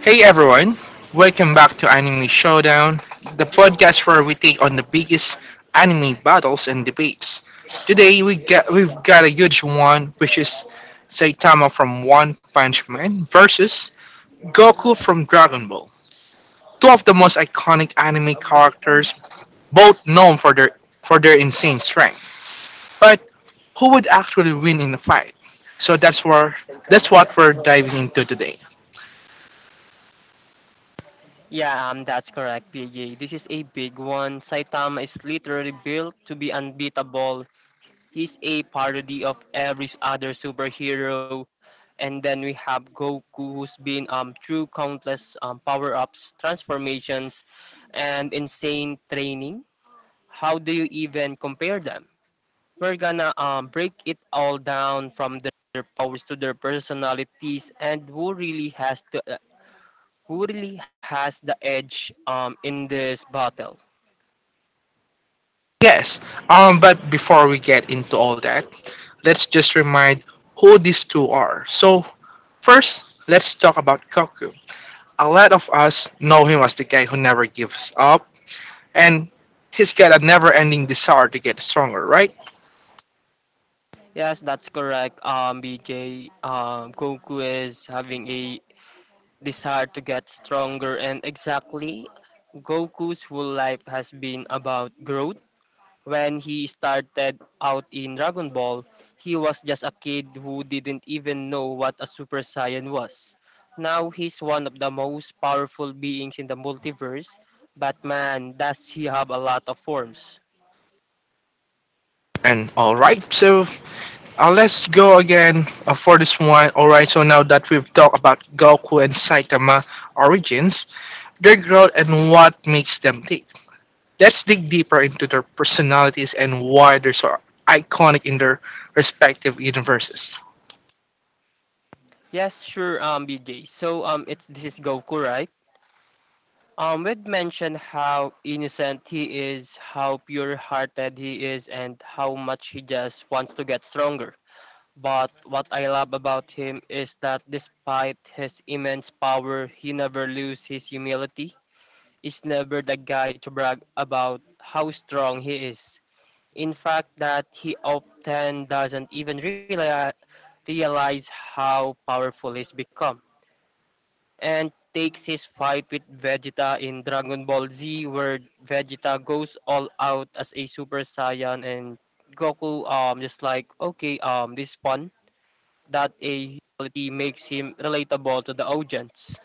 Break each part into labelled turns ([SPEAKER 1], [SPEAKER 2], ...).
[SPEAKER 1] Hey everyone, welcome back to Anime Showdown, the podcast where we take on the biggest anime battles and debates. Today we've got a huge one, which is Saitama from One Punch Man versus Goku from Dragon Ball. Two of the most iconic anime characters, both known for their insane strength. But who would actually win in a fight? So that's what we're diving into today.
[SPEAKER 2] Yeah, that's correct, PJ. This is a big one. Saitama is literally built to be unbeatable. He's a parody of every other superhero. And then we have Goku, who's been through countless power-ups, transformations, and insane training. How do you even compare them? We're gonna break it all down from their powers to their personalities and who really has the edge in this battle?
[SPEAKER 1] Yes. But before we get into all that, let's just remind who these two are. So, first, let's talk about Koku. A lot of us know him as the guy who never gives up, and he's got a never ending desire to get stronger, right?
[SPEAKER 2] Yes, that's correct. BJ, Goku is having a desire to get stronger, and exactly, Goku's whole life has been about growth. When he started out in Dragon Ball, he was just a kid who didn't even know what a Super Saiyan was. Now he's one of the most powerful beings in the multiverse, but man, does he have a lot of forms.
[SPEAKER 1] And alright, so let's go again for this one. Alright, so now that we've talked about Goku and Saitama origins, their growth and what makes them tick. Let's dig deeper into their personalities and why they're so iconic in their respective universes.
[SPEAKER 2] Yes, sure, BJ. So, it's this is Goku, right? We'd mentioned how innocent he is, how pure-hearted he is, and how much he just wants to get stronger. But what I love about him is that despite his immense power, he never loses his humility. He's never the guy to brag about how strong he is. In fact, that he often doesn't even realize how powerful he's become. And takes his fight with Vegeta in Dragon Ball Z, where Vegeta goes all out as a Super Saiyan, and Goku just like, okay, this is fun. That a quality makes him relatable to the audience.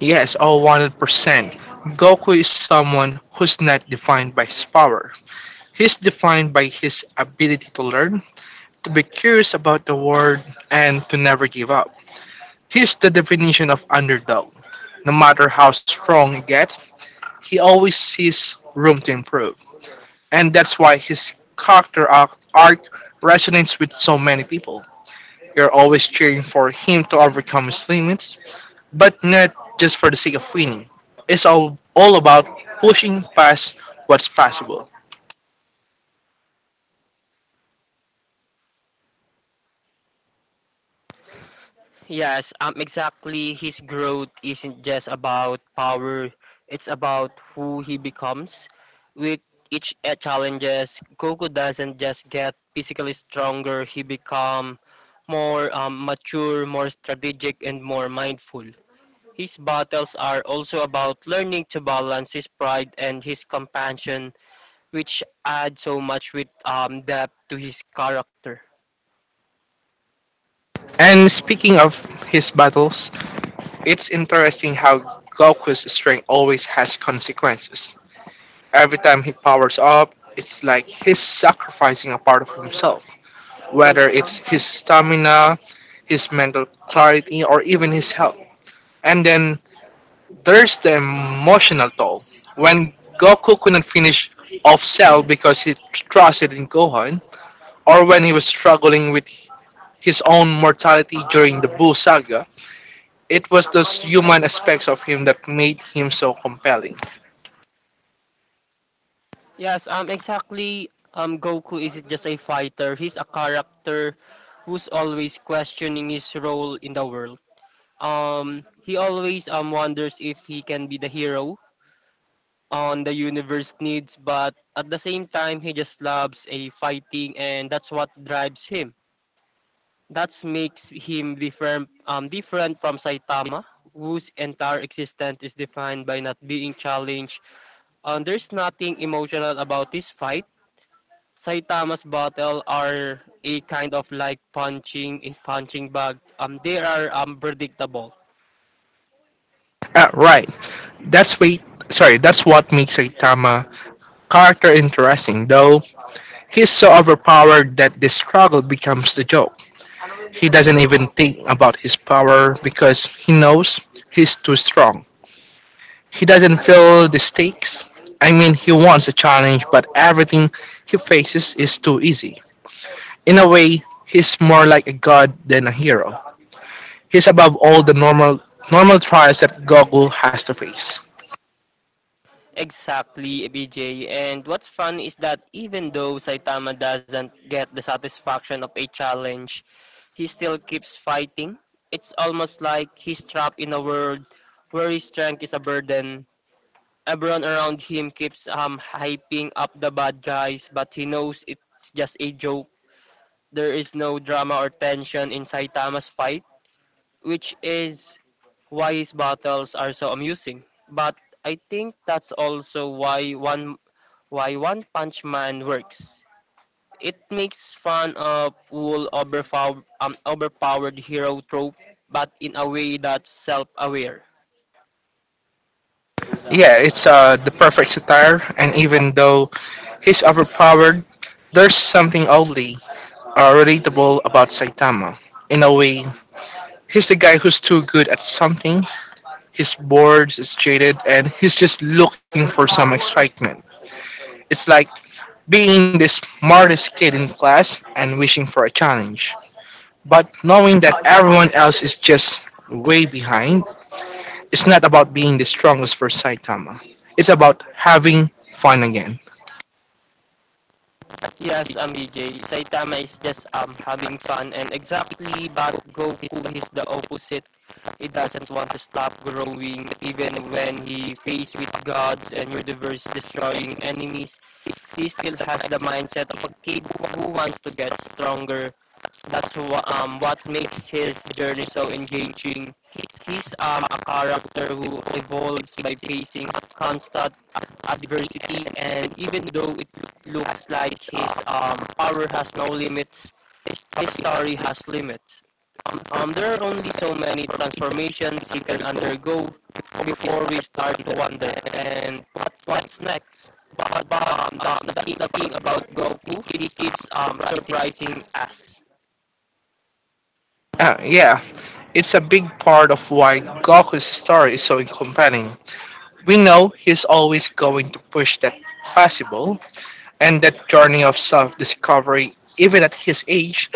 [SPEAKER 1] Yes, all 100%. Goku is someone who's not defined by his power. He's defined by his ability to learn, to be curious about the world, and to never give up. He's the definition of underdog. No matter how strong he gets, he always sees room to improve. And that's why his character arc resonates with so many people. You're always cheering for him to overcome his limits, but not just for the sake of winning. It's all about pushing past what's possible.
[SPEAKER 2] Yes, exactly. His growth isn't just about power; it's about who he becomes. With each challenges, Goku doesn't just get physically stronger. He become more mature, more strategic, and more mindful. His battles are also about learning to balance his pride and his compassion, which add so much with depth to his character.
[SPEAKER 1] And speaking of his battles, it's interesting how Goku's strength always has consequences. Every time he powers up, it's like he's sacrificing a part of himself, whether it's his stamina, his mental clarity, or even his health. And then there's the emotional toll. When Goku couldn't finish off Cell because he trusted in Gohan, or when he was struggling with his own mortality during the Buu saga, it was those human aspects of him that made him so compelling.
[SPEAKER 2] Yes, exactly. Goku isn't just a fighter. He's a character who's always questioning his role in the world. He always wonders if he can be the hero on the universe needs, but at the same time, he just loves a fighting, and that's what drives him. That makes him different. Different from Saitama, whose entire existence is defined by not being challenged. There's nothing emotional about this fight. Saitama's bottle are a kind of like punching a punching bag. They are unpredictable.
[SPEAKER 1] Right. That's wait. That's what makes Saitama character interesting, though he's so overpowered that the struggle becomes the joke. He doesn't even think about his power because he knows he's too strong. He doesn't feel the stakes. I mean, he wants a challenge, but everything he faces is too easy. In a way, he's more like a god than a hero. He's above all the normal trials that Goku has to face.
[SPEAKER 2] Exactly, BJ. And what's fun is that even though Saitama doesn't get the satisfaction of a challenge, he still keeps fighting. It's almost like he's trapped in a world where his strength is a burden. Everyone around him keeps hyping up the bad guys, but he knows it's just a joke. There is no drama or tension in Saitama's fight, which is why his battles are so amusing. But I think that's also why One Punch Man works. It makes fun of cool overpowered hero trope, but in a way that's self-aware.
[SPEAKER 1] Yeah, it's the perfect satire, and even though he's overpowered, there's something oddly relatable about Saitama. In a way, he's the guy who's too good at something. He's bored, he's jaded, and he's just looking for some excitement. It's like being the smartest kid in class and wishing for a challenge. But knowing that everyone else is just way behind, it's not about being the strongest for Saitama. It's about having fun again.
[SPEAKER 2] Yes, BJ, Saitama is just having fun and exactly, but Goku is the opposite. He doesn't want to stop growing. Even when he faced with gods and universe destroying enemies, he still has the mindset of a kid who wants to get stronger. That's what makes his journey so engaging. He's a character who evolves by facing constant adversity, and even though it looks like his power has no limits, his story has limits. There are only so many transformations you can undergo before we start to wonder and what's next. But the thing about Goku, he keeps surprising us.
[SPEAKER 1] Yeah, it's a big part of why Goku's story is so compelling. We know he's always going to push that possible, and that journey of self discovery, even at his age,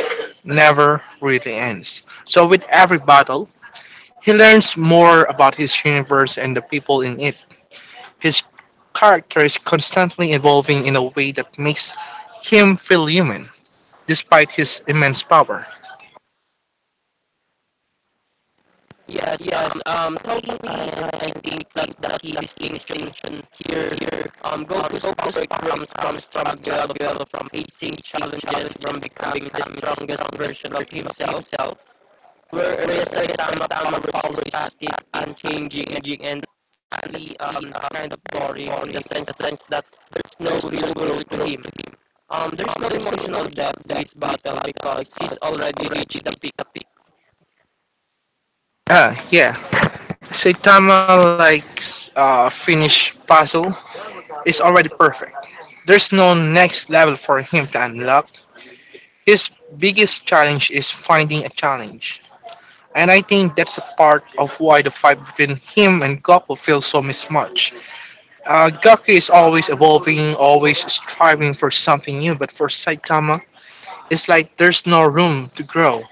[SPEAKER 1] never really ends. So, with every battle, he learns more about his universe and the people in it. His character is constantly evolving in a way that makes him feel human, despite his immense power.
[SPEAKER 2] Yes, yes. Totally. And I think that's the key distinction here. Go to focus from struggle, from facing challenges, from becoming the strongest version of himself. Whereas I am Tama always static, unchanging, and actually kind of boring, in the sense that there's no real growth to him. There's no emotional depth to his battle because he's already reached the peak.
[SPEAKER 1] Ah, yeah. Saitama likes finished puzzle is already perfect. There's no next level for him to unlock. His biggest challenge is finding a challenge. And I think that's a part of why the fight between him and Goku feels so mismatched. Gaku is always evolving, always striving for something new, but for Saitama, it's like there's no room to grow.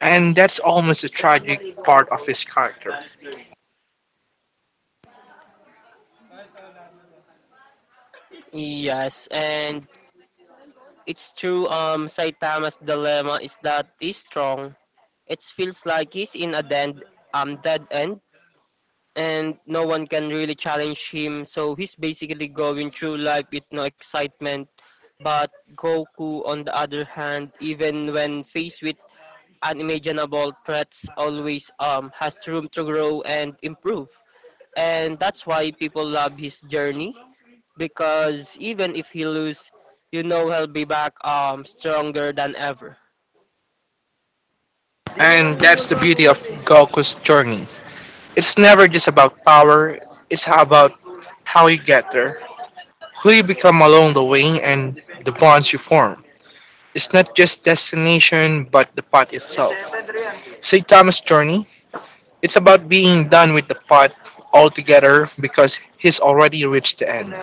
[SPEAKER 1] And that's almost the tragic part of his character.
[SPEAKER 2] Yes, and it's true, Saitama's dilemma is that he's strong. It feels like he's in a dead end, and no one can really challenge him, so he's basically going through life with no excitement. But Goku, on the other hand, even when faced with unimaginable threats, always has room to grow and improve. And that's why people love his journey, because even if he lose, you know he'll be back stronger than ever.
[SPEAKER 1] And that's the beauty of Goku's journey. It's never just about power, it's about how you get there, who you become along the way, and the bonds you form. It's not just destination, but the path itself. Saitama's journey it's about being done with the pot altogether because he's already reached the end.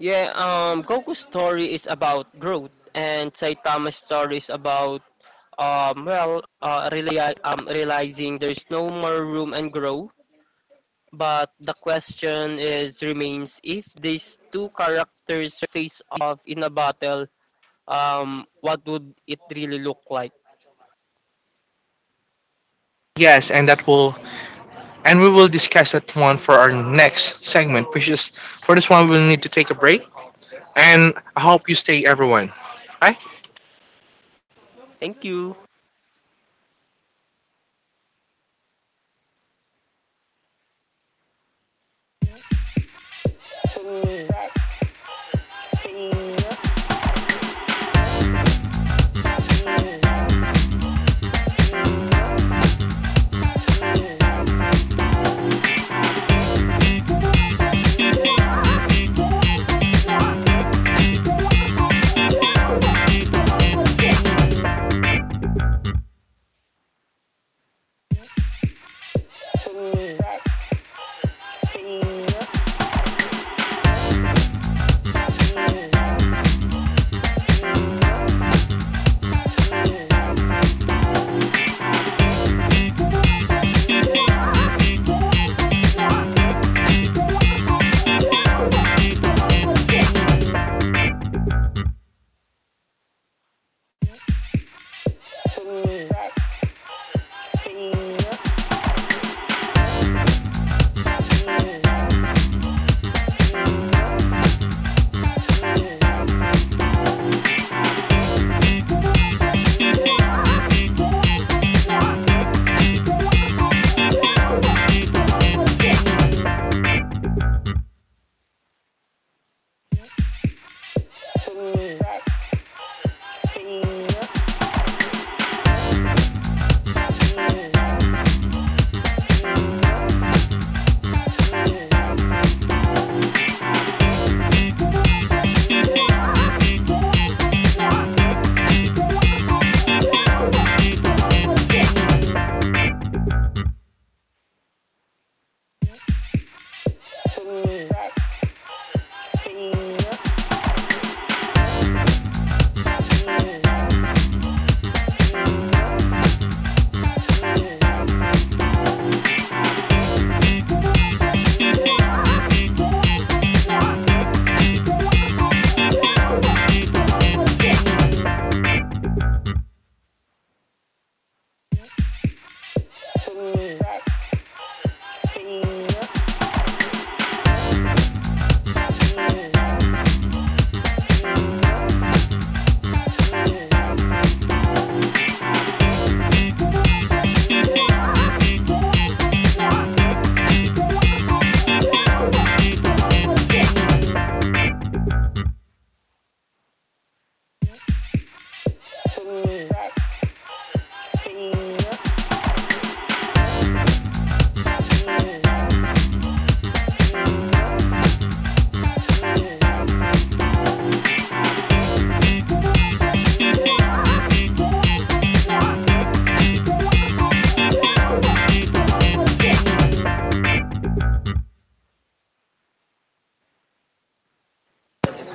[SPEAKER 2] Yeah, Goku's story is about growth, and Saitama's story is about realizing there's no more room and grow. But the question is remains, if these two characters face off in a battle, what would it really look like?
[SPEAKER 1] Yes, and that will and we will discuss that one for our next segment, which is for this one we will need to take a break. And I hope you stay everyone. Hi.
[SPEAKER 2] Thank you.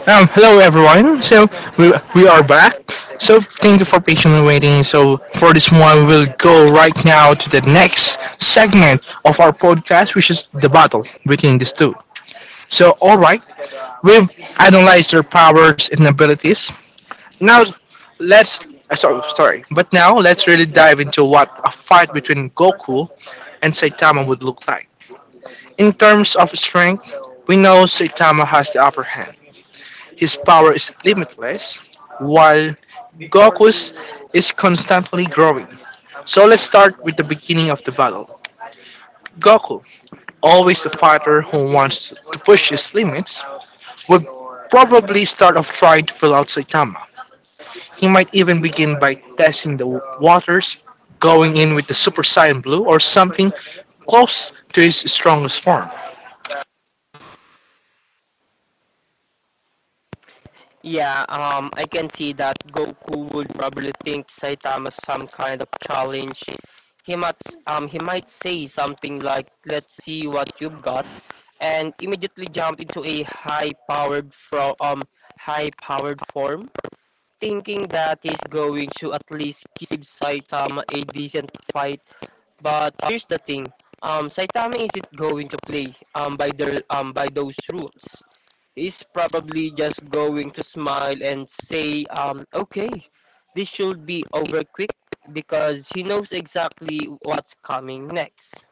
[SPEAKER 1] Hello everyone. So we are back. So thank you for patiently waiting. So for this one we will go right now to the next segment of our podcast, which is the battle between these two. So all right, we've analyzed their powers and abilities. Now, let's. Sorry, sorry. But now, let's really dive into what a fight between Goku and Saitama would look like. In terms of strength, we know Saitama has the upper hand. His power is limitless, while Goku's is constantly growing. So let's start with the beginning of the battle. Goku, always the fighter who wants to push his limits, would probably start off trying to pull out Saitama. He might even begin by testing the waters, going in with the Super Saiyan Blue or something close to his strongest form.
[SPEAKER 2] Yeah, I can see that Goku would probably think Saitama some kind of challenge. He might say something like, "Let's see what you've got," and immediately jump into a high-powered form, thinking that he's going to at least give Saitama a decent fight. But here's the thing, Saitama isn't going to play by those rules. He's probably just going to smile and say, okay, this should be over quick, because he knows exactly what's coming next.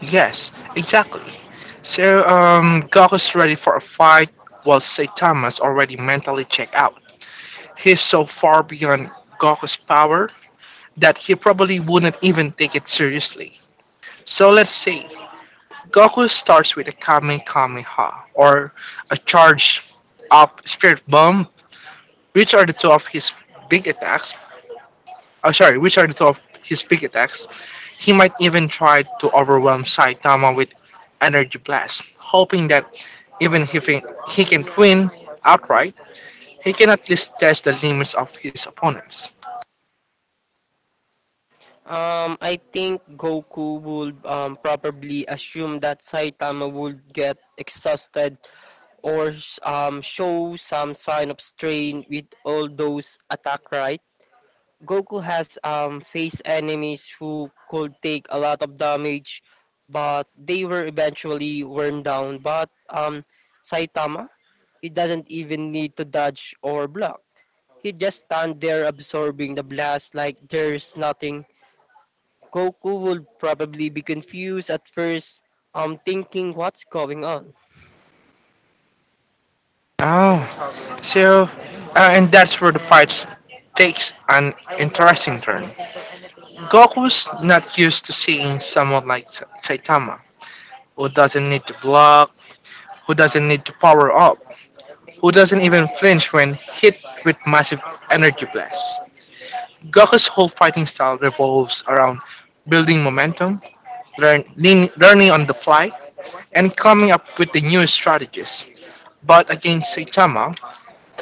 [SPEAKER 1] Yes, exactly. So, Goku's ready for a fight while Saitama's already mentally checked out. He's so far beyond Goku's power that he probably wouldn't even take it seriously. So let's see. Goku starts with a Kamehameha, or a charged up Spirit Bomb, which are the two of his big attacks. Oh, sorry, which are the two of his big attacks. He might even try to overwhelm Saitama with Energy Blast, hoping that even if he, he can win outright, he can at least test the limits of his opponents.
[SPEAKER 2] I think Goku would probably assume that Saitama would get exhausted or show some sign of strain with all those attack, right? Goku has faced enemies who could take a lot of damage, but they were eventually worn down. But Saitama, he doesn't even need to dodge or block. He just stand there absorbing the blast like there's nothing. Goku would probably be confused at first, thinking what's going on.
[SPEAKER 1] Oh, so, and that's where the fight takes an interesting turn. Goku's not used to seeing someone like Saitama, who doesn't need to block, who doesn't need to power up, who doesn't even flinch when hit with massive energy blasts. Goku's whole fighting style revolves around building momentum, learning on the fly, and coming up with the new strategies. But against Saitama,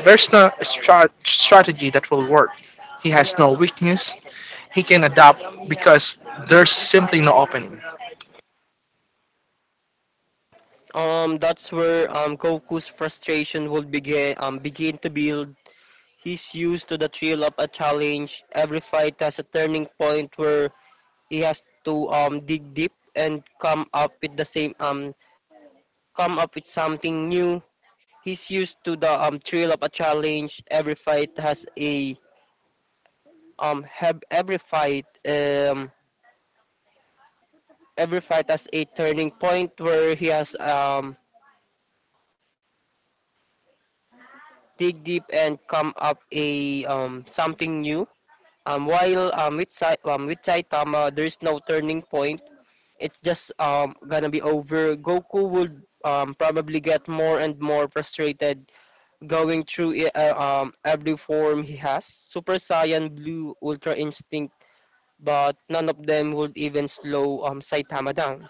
[SPEAKER 1] there's no strategy that will work. He has no weakness. He can adapt because there's simply no opening.
[SPEAKER 2] That's where Goku's frustration would begin to build. He's used to the thrill of a challenge. Every fight has a turning point where he has to dig deep and come up with the same come up with something new. He's used to the thrill of a challenge. Every fight has a have every fight has a turning point where he has dig deep and come up a something new. While with Saitama, there is no turning point. It's just gonna be over. Goku would probably get more and more frustrated, going through every form he has. Super Saiyan Blue, Ultra Instinct, but none of them would even slow Saitama down.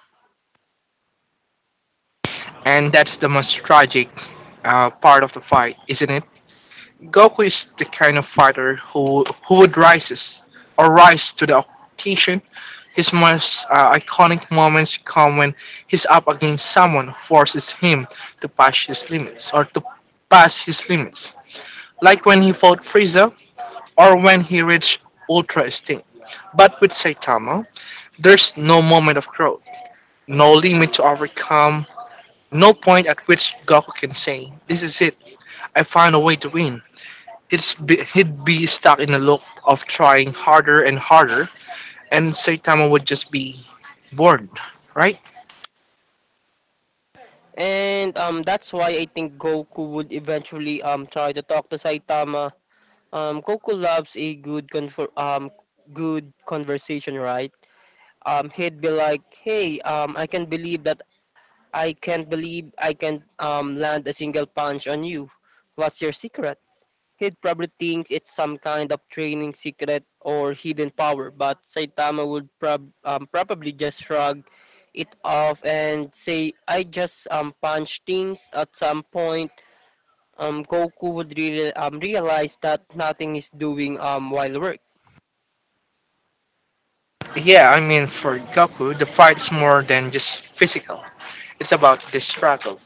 [SPEAKER 1] And that's the most tragic part of the fight, isn't it? Goku is the kind of fighter who would rise to the occasion. His most iconic moments come when he's up against someone who forces him to pass his limits. Like when he fought Frieza or when he reached ultra esteem. But with Saitama, there's no moment of growth, no limit to overcome, no point at which Goku can say, this is it, I found a way to win. He'd be stuck in a loop of trying harder and harder, and Saitama would just be bored, right?
[SPEAKER 2] And that's why I think Goku would eventually try to talk to Saitama. Goku loves a good good conversation, right? He'd be like, "Hey, I can't believe I can't land a single punch on you. What's your secret?" He'd probably think it's some kind of training secret or hidden power, but Saitama would probably just shrug it off and say, "I just punch things at some point." Goku would really realize that nothing is doing wild work.
[SPEAKER 1] Yeah, I mean, for Goku, the fight is more than just physical, it's about the struggle,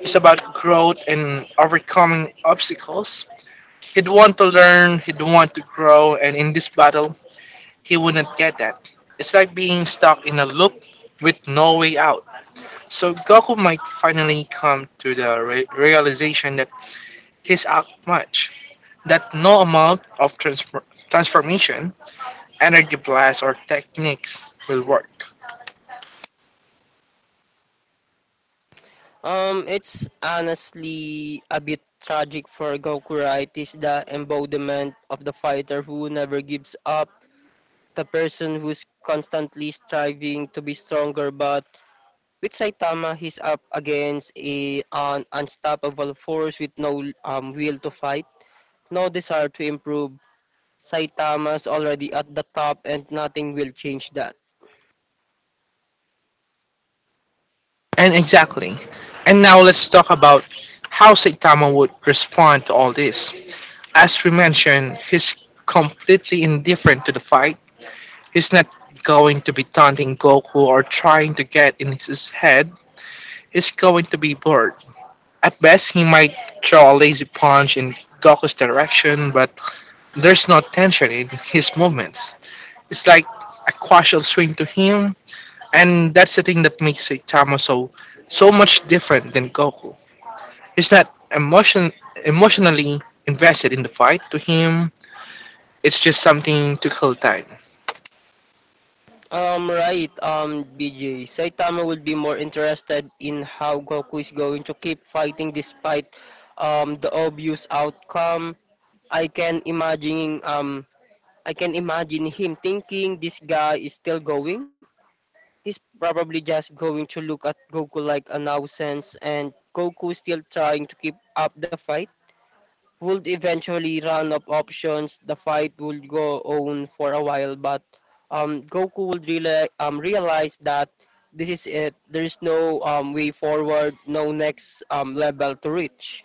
[SPEAKER 1] it's about growth and overcoming obstacles. He'd want to learn, he'd want to grow, and in this battle, he wouldn't get that. It's like being stuck in a loop with no way out. So Goku might finally come to the realization that he's out much, that no amount of transformation, energy blasts, or techniques will work.
[SPEAKER 2] It's honestly a bit tragic for Gokura. It is the embodiment of the fighter who never gives up, the person who's constantly striving to be stronger. But with Saitama, he's up against an unstoppable force with no will to fight, no desire to improve. Saitama's already at the top, and nothing will change that.
[SPEAKER 1] And exactly. And now let's talk about how Saitama would respond to all this. As we mentioned, he's completely indifferent to the fight. He's not going to be taunting Goku or trying to get in his head. He's going to be bored. At best, he might throw a lazy punch in Goku's direction, but there's no tension in his movements. It's like a casual swing to him, and that's the thing that makes Saitama so so much different than Goku. He's not emotionally invested in the fight. To him, it's just something to kill time.
[SPEAKER 2] Right, BJ. Saitama would be more interested in how Goku is going to keep fighting despite the obvious outcome. I can imagine um I can imagine him thinking, "This guy is still going." He's probably just going to look at Goku like a nuisance, and Goku is still trying to keep up the fight, would eventually run up options. The fight would go on for a while, but Goku would realize that this is it. There is no way forward, no next level to reach.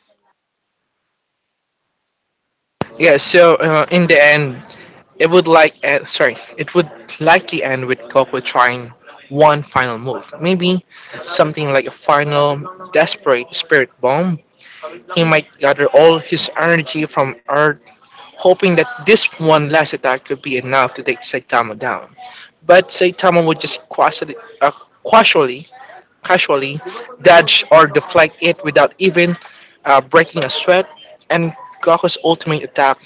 [SPEAKER 1] Yeah. So in the end, it would likely end with Goku trying one final move, maybe something like a final desperate spirit bomb. He might gather all his energy from Earth, hoping that this one last attack could be enough to take Saitama down. But Saitama would just uh, casually, casually dodge or deflect it without even breaking a sweat, and Goku's ultimate attack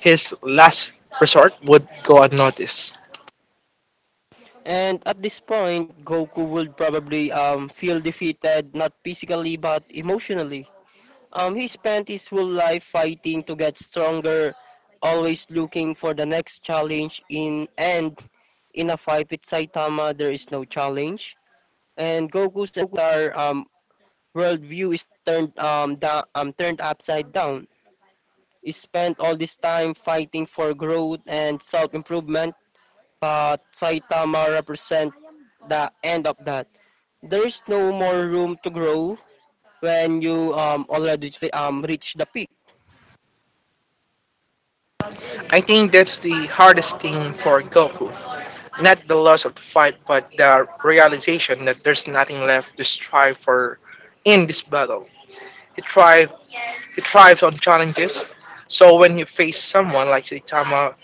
[SPEAKER 1] his last resort would go unnoticed.
[SPEAKER 2] And at this point, Goku would probably feel defeated, not physically but emotionally. He spent his whole life fighting to get stronger, always looking for the next challenge. In a fight with Saitama, there is no challenge, and Goku's entire worldview is turned upside down. He spent all this time fighting for growth and self improvement, but Saitama represent the end of that. There is no more room to grow when you already reach the peak.
[SPEAKER 1] I think that's the hardest thing for Goku. Not the loss of the fight, but the realization that there's nothing left to strive for in this battle. He thrives, he thrives on challenges, so when he faces someone like Saitama,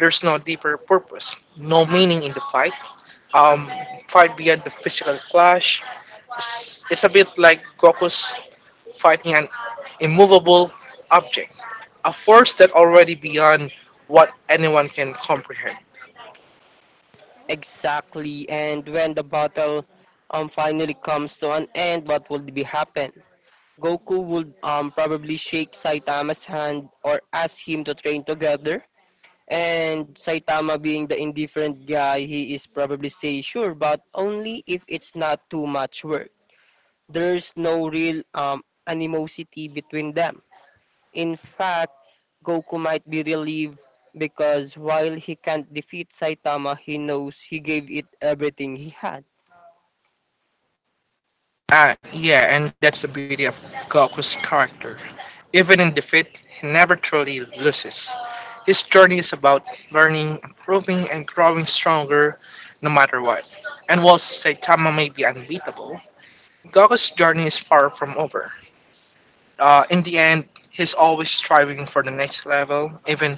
[SPEAKER 1] there's no deeper purpose, no meaning in the fight. Um, fight beyond the physical clash. It's a bit like Goku's fighting an immovable object, a force that already beyond what anyone can comprehend.
[SPEAKER 2] Exactly, and when the battle finally comes to an end, what will be happen? Goku would probably shake Saitama's hand or ask him to train together. And Saitama, being the indifferent guy he is, probably say sure, but only if it's not too much work. There's no real animosity between them. In fact, Goku might be relieved because while he can't defeat Saitama, he knows he gave it everything he had.
[SPEAKER 1] Yeah, and that's the beauty of Goku's character. Even in defeat, he never truly loses. His journey is about learning, improving, and growing stronger no matter what. And while Saitama may be unbeatable, Goku's journey is far from over. In the end, he's always striving for the next level, even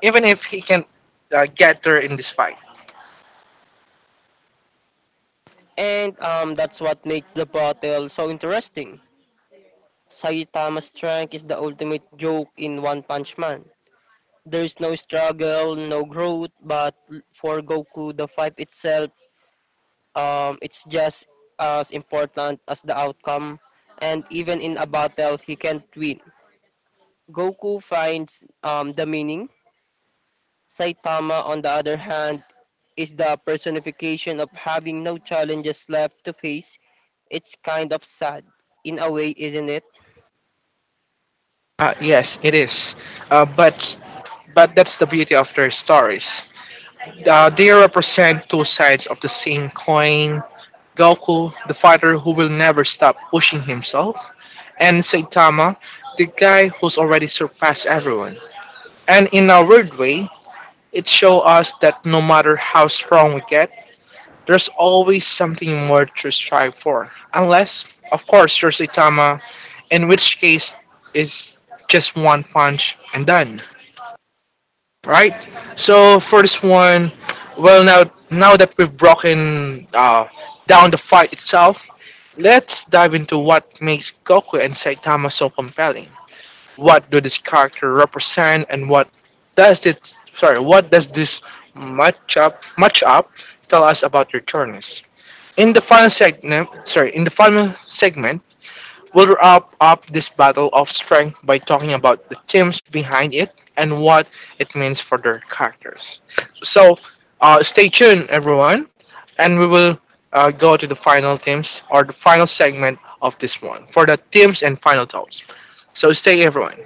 [SPEAKER 1] even if he can get there in this fight.
[SPEAKER 2] And That's what makes the battle so interesting. Saitama's strength is the ultimate joke in One Punch Man. There's no struggle, no growth, but for Goku, the fight itself, it's just as important as the outcome. And even in a battle, he can't win. Goku finds the meaning. Saitama, on the other hand, is the personification of having no challenges left to face. It's kind of sad, in a way, isn't it?
[SPEAKER 1] Yes, it is. Uh, but but that's the beauty of their stories. They represent two sides of the same coin. Goku, the fighter who will never stop pushing himself, and Saitama, the guy who's already surpassed everyone. And in a weird way, it shows us that no matter how strong we get, there's always something more to strive for. Unless, of course, you're Saitama, in which case it's just one punch and done, right? So for this one, now that we've broken down the fight itself, let's dive into what makes Goku and Saitama so compelling. What do this character represent, and what does this sorry what does this match up tell us about your journeys? In the final segment, we'll wrap up this battle of strength by talking about the teams behind it and what it means for their characters. So, stay tuned, everyone, and we will go to the final teams or the final segment of this one for the teams and final thoughts. So, stay, everyone.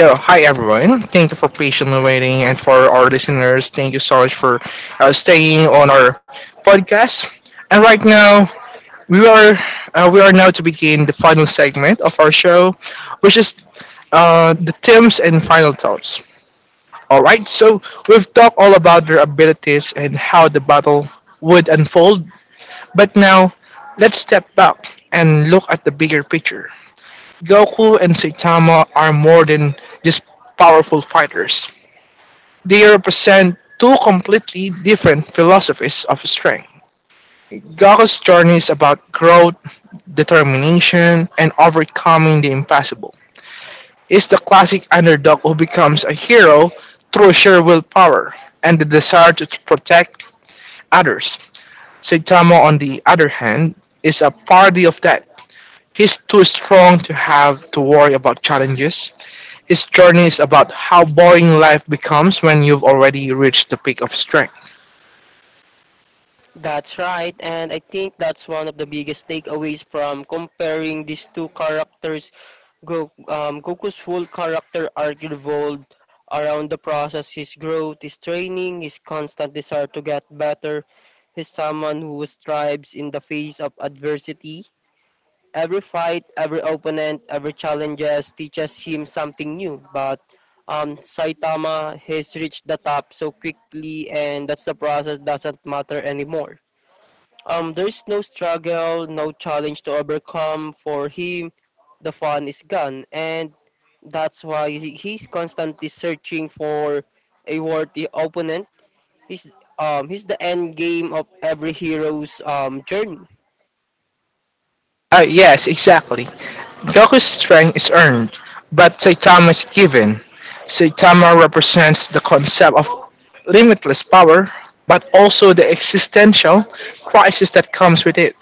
[SPEAKER 1] So, hi everyone. Thank you for patiently waiting, and for our listeners, thank you so much for staying on our podcast. And right now, we are we are now to begin the final segment of our show, which is the teams and final thoughts. All right, so we've talked all about their abilities and how the battle would unfold, but now let's step back and look at the bigger picture. Goku and Saitama are more than just powerful fighters. They represent two completely different philosophies of strength. Goku's journey is about growth determination, and overcoming the impossible. He's the classic underdog who becomes a hero through sheer willpower and the desire to protect others. Saitama, on the other hand, is a parody of that. He's too strong to have to worry about challenges. His journey is about how boring life becomes when you've already reached the peak of strength.
[SPEAKER 2] That's right, and I think that's one of the biggest takeaways from comparing these two characters. Goku's full character arc revolved around the process, his growth, his training, his constant desire to get better. He's someone who strives in the face of adversity. Every fight, every opponent, every challenges teaches him something new. But Saitama has reached the top so quickly, and that's the process doesn't matter anymore. There's no struggle, no challenge to overcome. For him, the fun is gone, and that's why he's constantly searching for a worthy opponent. He's the end game of every hero's journey.
[SPEAKER 1] Yes, exactly. Goku's strength is earned, but Saitama is given. Saitama represents the concept of limitless power, but also the existential crisis that comes with it.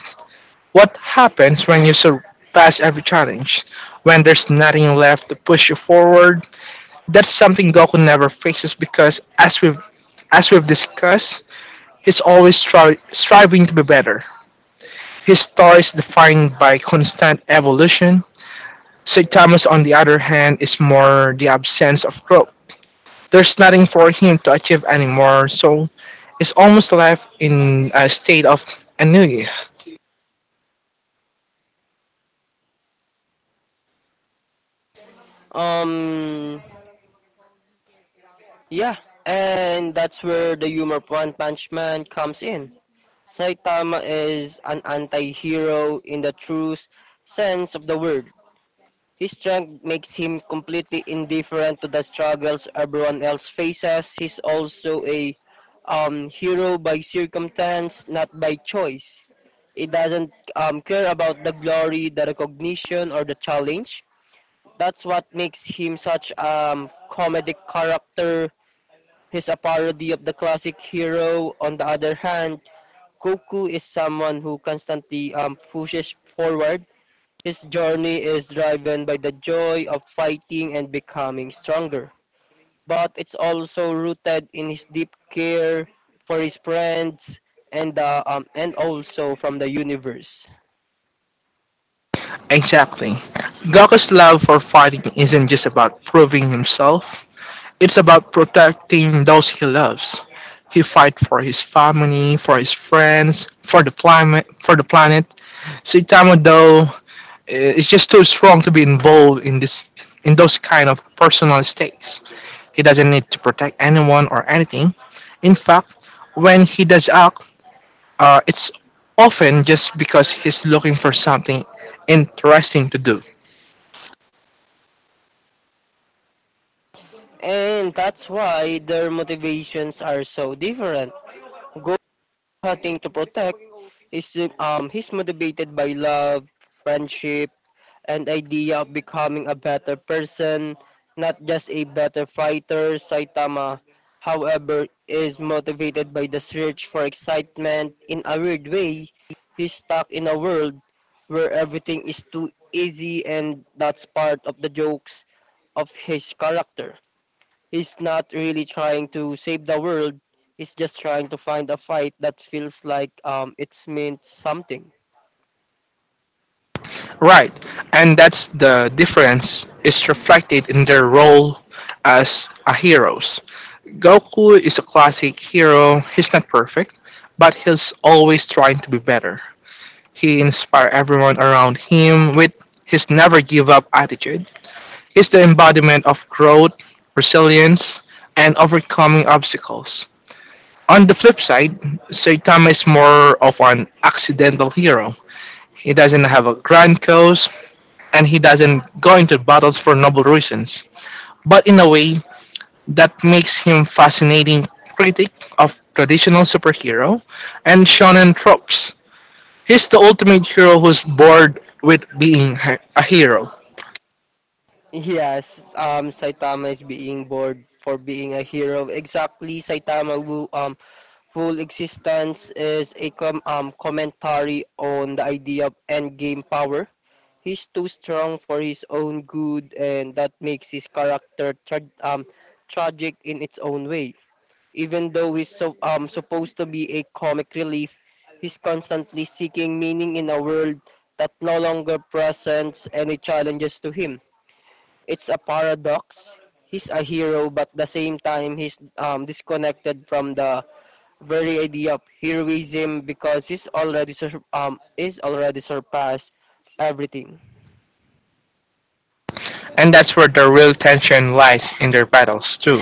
[SPEAKER 1] What happens when you surpass every challenge? When there's nothing left to push you forward? That's something Goku never faces because, as we've discussed, he's always striving to be better. His story is defined by constant evolution. St. Thomas, on the other hand, is more the absence of growth. There's nothing for him to achieve anymore, so it's almost left in a state of ennui.
[SPEAKER 2] Um, yeah, and that's where the humor of One Punch Man comes in. Saitama is an anti-hero in the true sense of the word. His strength makes him completely indifferent to the struggles everyone else faces. He's also a hero by circumstance, not by choice. He doesn't care about the glory, the recognition, or the challenge. That's what makes him such comedic character. He's a parody of the classic hero. On the other hand, Goku is someone who constantly pushes forward. His journey is driven by the joy of fighting and becoming stronger, but it's also rooted in his deep care for his friends and the and also from the universe.
[SPEAKER 1] Exactly. Goku's love for fighting isn't just about proving himself, it's about protecting those he loves. He fights for his family, for his friends, for the planet, for the planet. Saitama though is just too strong to be involved in this in those kind of personal stakes. He doesn't need to protect anyone or anything. In fact, when he does act, it's often just because he's looking for something interesting to do.
[SPEAKER 2] And that's why their motivations are so different. Go hunting to protect is he's motivated by love, friendship, and idea of becoming a better person, not just a better fighter. Saitama, however, is motivated by the search for excitement. In a weird way, he's stuck in a world where everything is too easy, and that's part of the jokes of his character. He's not really trying to save the world. He's just trying to find a fight that feels like it's meant something.
[SPEAKER 1] Right, and that's the difference is reflected in their role as a heroes. Goku is a classic hero. He's not perfect, but he's always trying to be better. He inspires everyone around him with his never give up attitude is the embodiment of growth, resilience, and overcoming obstacles. On the flip side, Saitama is more of an accidental hero. He doesn't have a grand cause, and he doesn't go into battles for noble reasons. But in a way, that makes him fascinating critic of traditional superhero and shonen tropes. He's the ultimate hero who's bored with being a hero,
[SPEAKER 2] Yes, Saitama is being bored for being a hero. Exactly, Saitama who, whole existence is a commentary on the idea of endgame power. He's too strong for his own good, and that makes his character tragic in its own way. Even though he's supposed to be a comic relief, he's constantly seeking meaning in a world that no longer presents any challenges to him. It's a paradox. He's a hero, but the same time he's disconnected from the very idea of heroism because he's already surpassed everything.
[SPEAKER 1] and that's where the real tension lies in their battles too.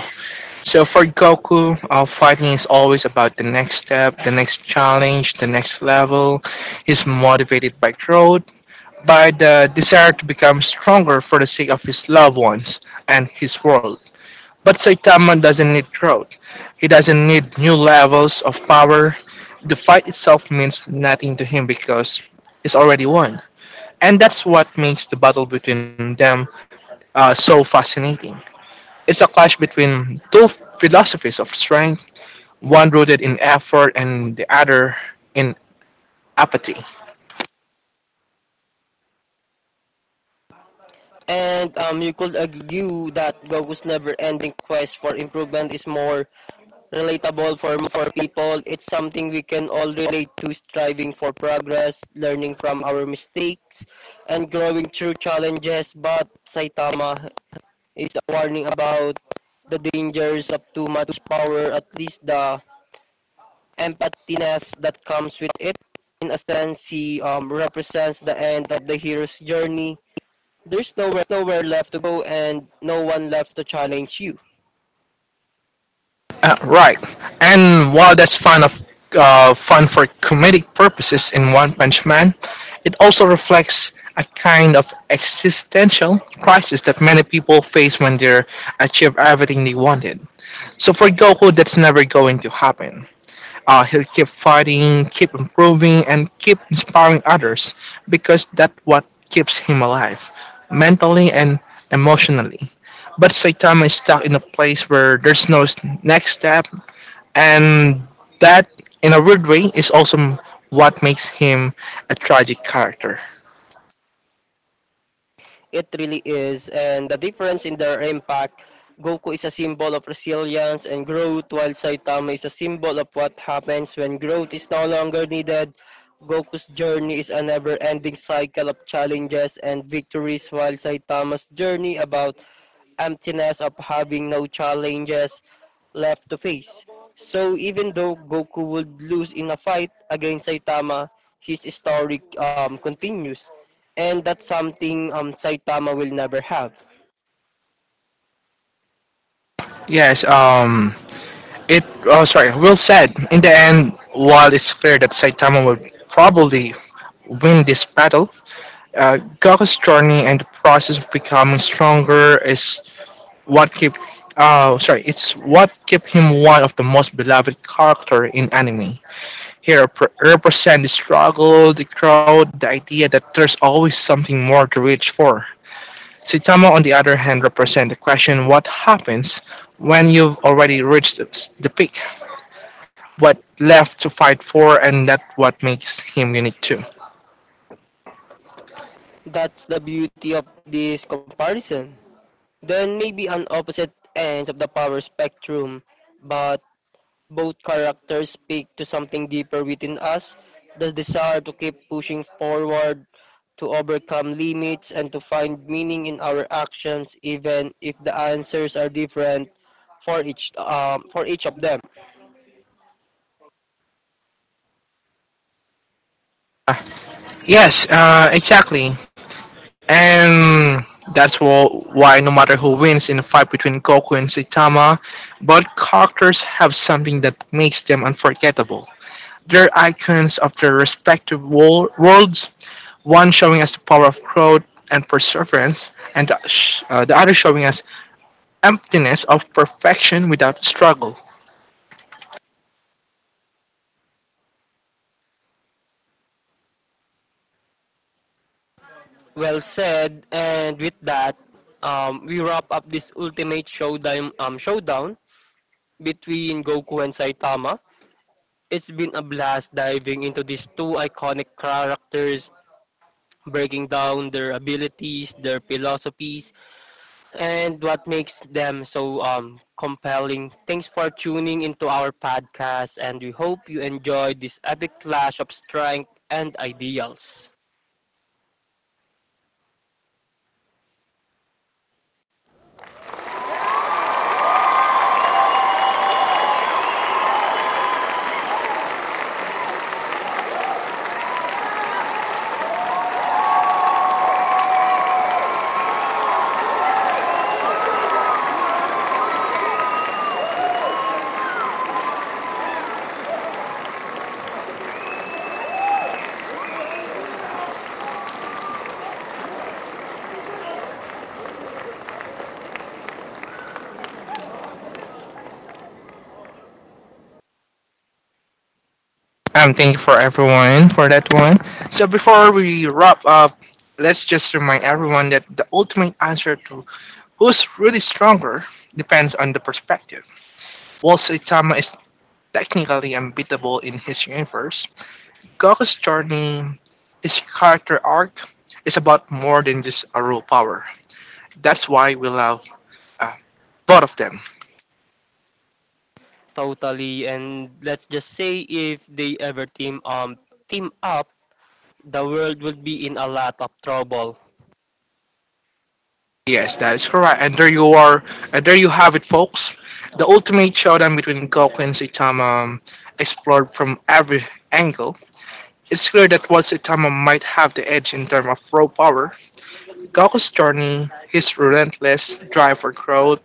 [SPEAKER 1] So for Goku, fighting is always about the next step, the next challenge, the next level. He's motivated by growth, by the desire to become stronger for the sake of his loved ones and his world. But Saitama doesn't need growth. He doesn't need new levels of power. The fight itself means nothing to him because he's already won. And that's what makes the battle between them so fascinating. It's a clash between two philosophies of strength one rooted in effort and the other in apathy.
[SPEAKER 2] And you could argue that Goku's never-ending quest for improvement is more relatable for people. It's something we can all relate to, striving for progress, learning from our mistakes, and growing through challenges. But Saitama is a warning about the dangers of too much power, at least the empathiness that comes with it. In a sense, he represents the end of the hero's journey. There's nowhere left to go and no one left to challenge you.
[SPEAKER 1] Right. And while that's fun for comedic purposes in One Punch Man, it also reflects a kind of existential crisis that many people face when they achieve everything they wanted. So for Goku, that's never going to happen. He'll keep fighting, keep improving, and keep inspiring others because that's what keeps him alive, mentally and emotionally. But Saitama is stuck in a place where there's no s- next step, and that, in a weird way, is also what makes him a tragic character.
[SPEAKER 2] It really is. And the difference in their impact, Goku is a symbol of resilience and growth, while Saitama is a symbol of what happens when growth is no longer needed. Goku's journey is a never-ending cycle of challenges and victories, while Saitama's journey about emptiness of having no challenges left to face. So even though Goku would lose in a fight against Saitama, his story continues. And that's something Saitama will never have.
[SPEAKER 1] Yes, Will said, in the end, while it's clear that Saitama will probably win this battle, Goku's journey and the process of becoming stronger is what keep it's what kept him one of the most beloved character in anime. He represents the struggle, the crowd, the idea that there's always something more to reach for. Saitama, on the other hand, represents the question what happens when you've already reached the peak, what left to fight for, and that what makes him unique too.
[SPEAKER 2] That's the beauty of this comparison. Then maybe on opposite ends of the power spectrum, but both characters speak to something deeper within us, the desire to keep pushing forward, to overcome limits, and to find meaning in our actions, even if the answers are different for for each of them.
[SPEAKER 1] Yes, exactly. And that's why no matter who wins in a fight between Goku and Saitama, both characters have something that makes them unforgettable. They're icons of their respective worlds, one showing us the power of growth and perseverance, and the other showing us emptiness of perfection without struggle.
[SPEAKER 2] Well said, and with that, we wrap up this ultimate showdown between Goku and Saitama. It's been a blast diving into these two iconic characters, breaking down their abilities, their philosophies, and what makes them so compelling. Thanks for tuning into our podcast, and we hope you enjoyed this epic clash of strength and ideals.
[SPEAKER 1] Thank you for everyone for that one. So before we wrap up, let's just remind everyone that the ultimate answer to who's really stronger depends on the perspective. While Saitama is technically unbeatable in his universe, Goku's journey, his character arc, is about more than just a raw power. That's why we love uh, both of them.
[SPEAKER 2] Totally, and let's just say if they ever team up, the world will be in a lot of trouble.
[SPEAKER 1] Yes, that is correct. And there you are. And there you have it, folks. The ultimate showdown between Goku and Saitama, explored from every angle. It's clear that while Saitama might have the edge in terms of raw power, Goku's journey, his relentless drive for growth,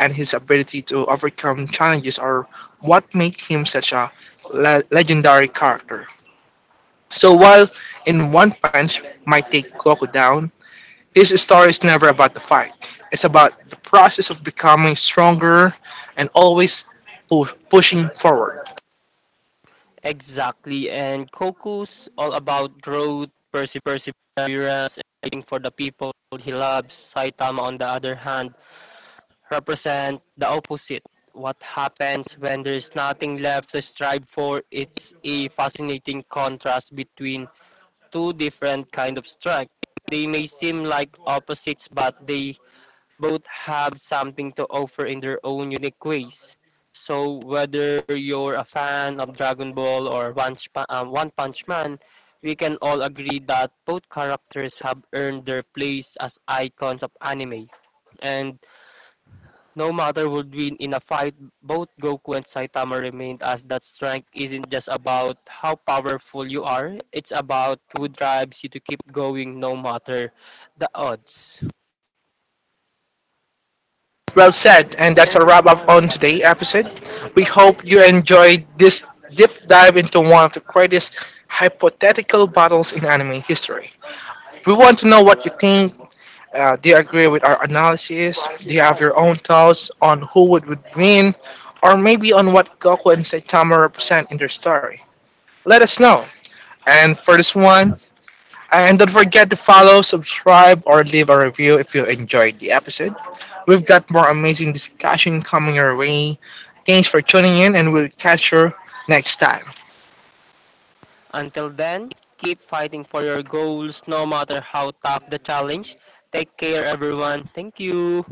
[SPEAKER 1] and his ability to overcome challenges are what make him such a legendary character. So while in one punch might take Goku down, his story is never about the fight. It's about the process of becoming stronger and always pushing forward.
[SPEAKER 2] Exactly, and Koku's all about growth, perseverance, and fighting for the people he loves. Saitama, on the other hand, represent the opposite. What happens when there is nothing left to strive for? It's a fascinating contrast between two different kind of strength. They may seem like opposites, but they both have something to offer in their own unique ways. So whether you're a fan of Dragon Ball or One Punch Man, we can all agree that both characters have earned their place as icons of anime. And no matter would win in a fight, both Goku and Saitama remained as that strength isn't just about how powerful you are, it's about who drives you to keep going no matter the odds.
[SPEAKER 1] Well said, and that's a wrap up on today's episode. We hope you enjoyed this deep dive into one of the greatest hypothetical battles in anime history. We want to know what you think. Do you agree with our analysis? Do you have your own thoughts on would win, or maybe on what Goku and Saitama represent in their story? Let us know. And for this one, and don't forget to follow, subscribe, or leave a review if you enjoyed the episode. We've got more amazing discussion coming your way. Thanks for tuning in, and we'll catch you next time.
[SPEAKER 2] Until then, keep fighting for your goals no matter how tough the challenge. Take care everyone. Thank you.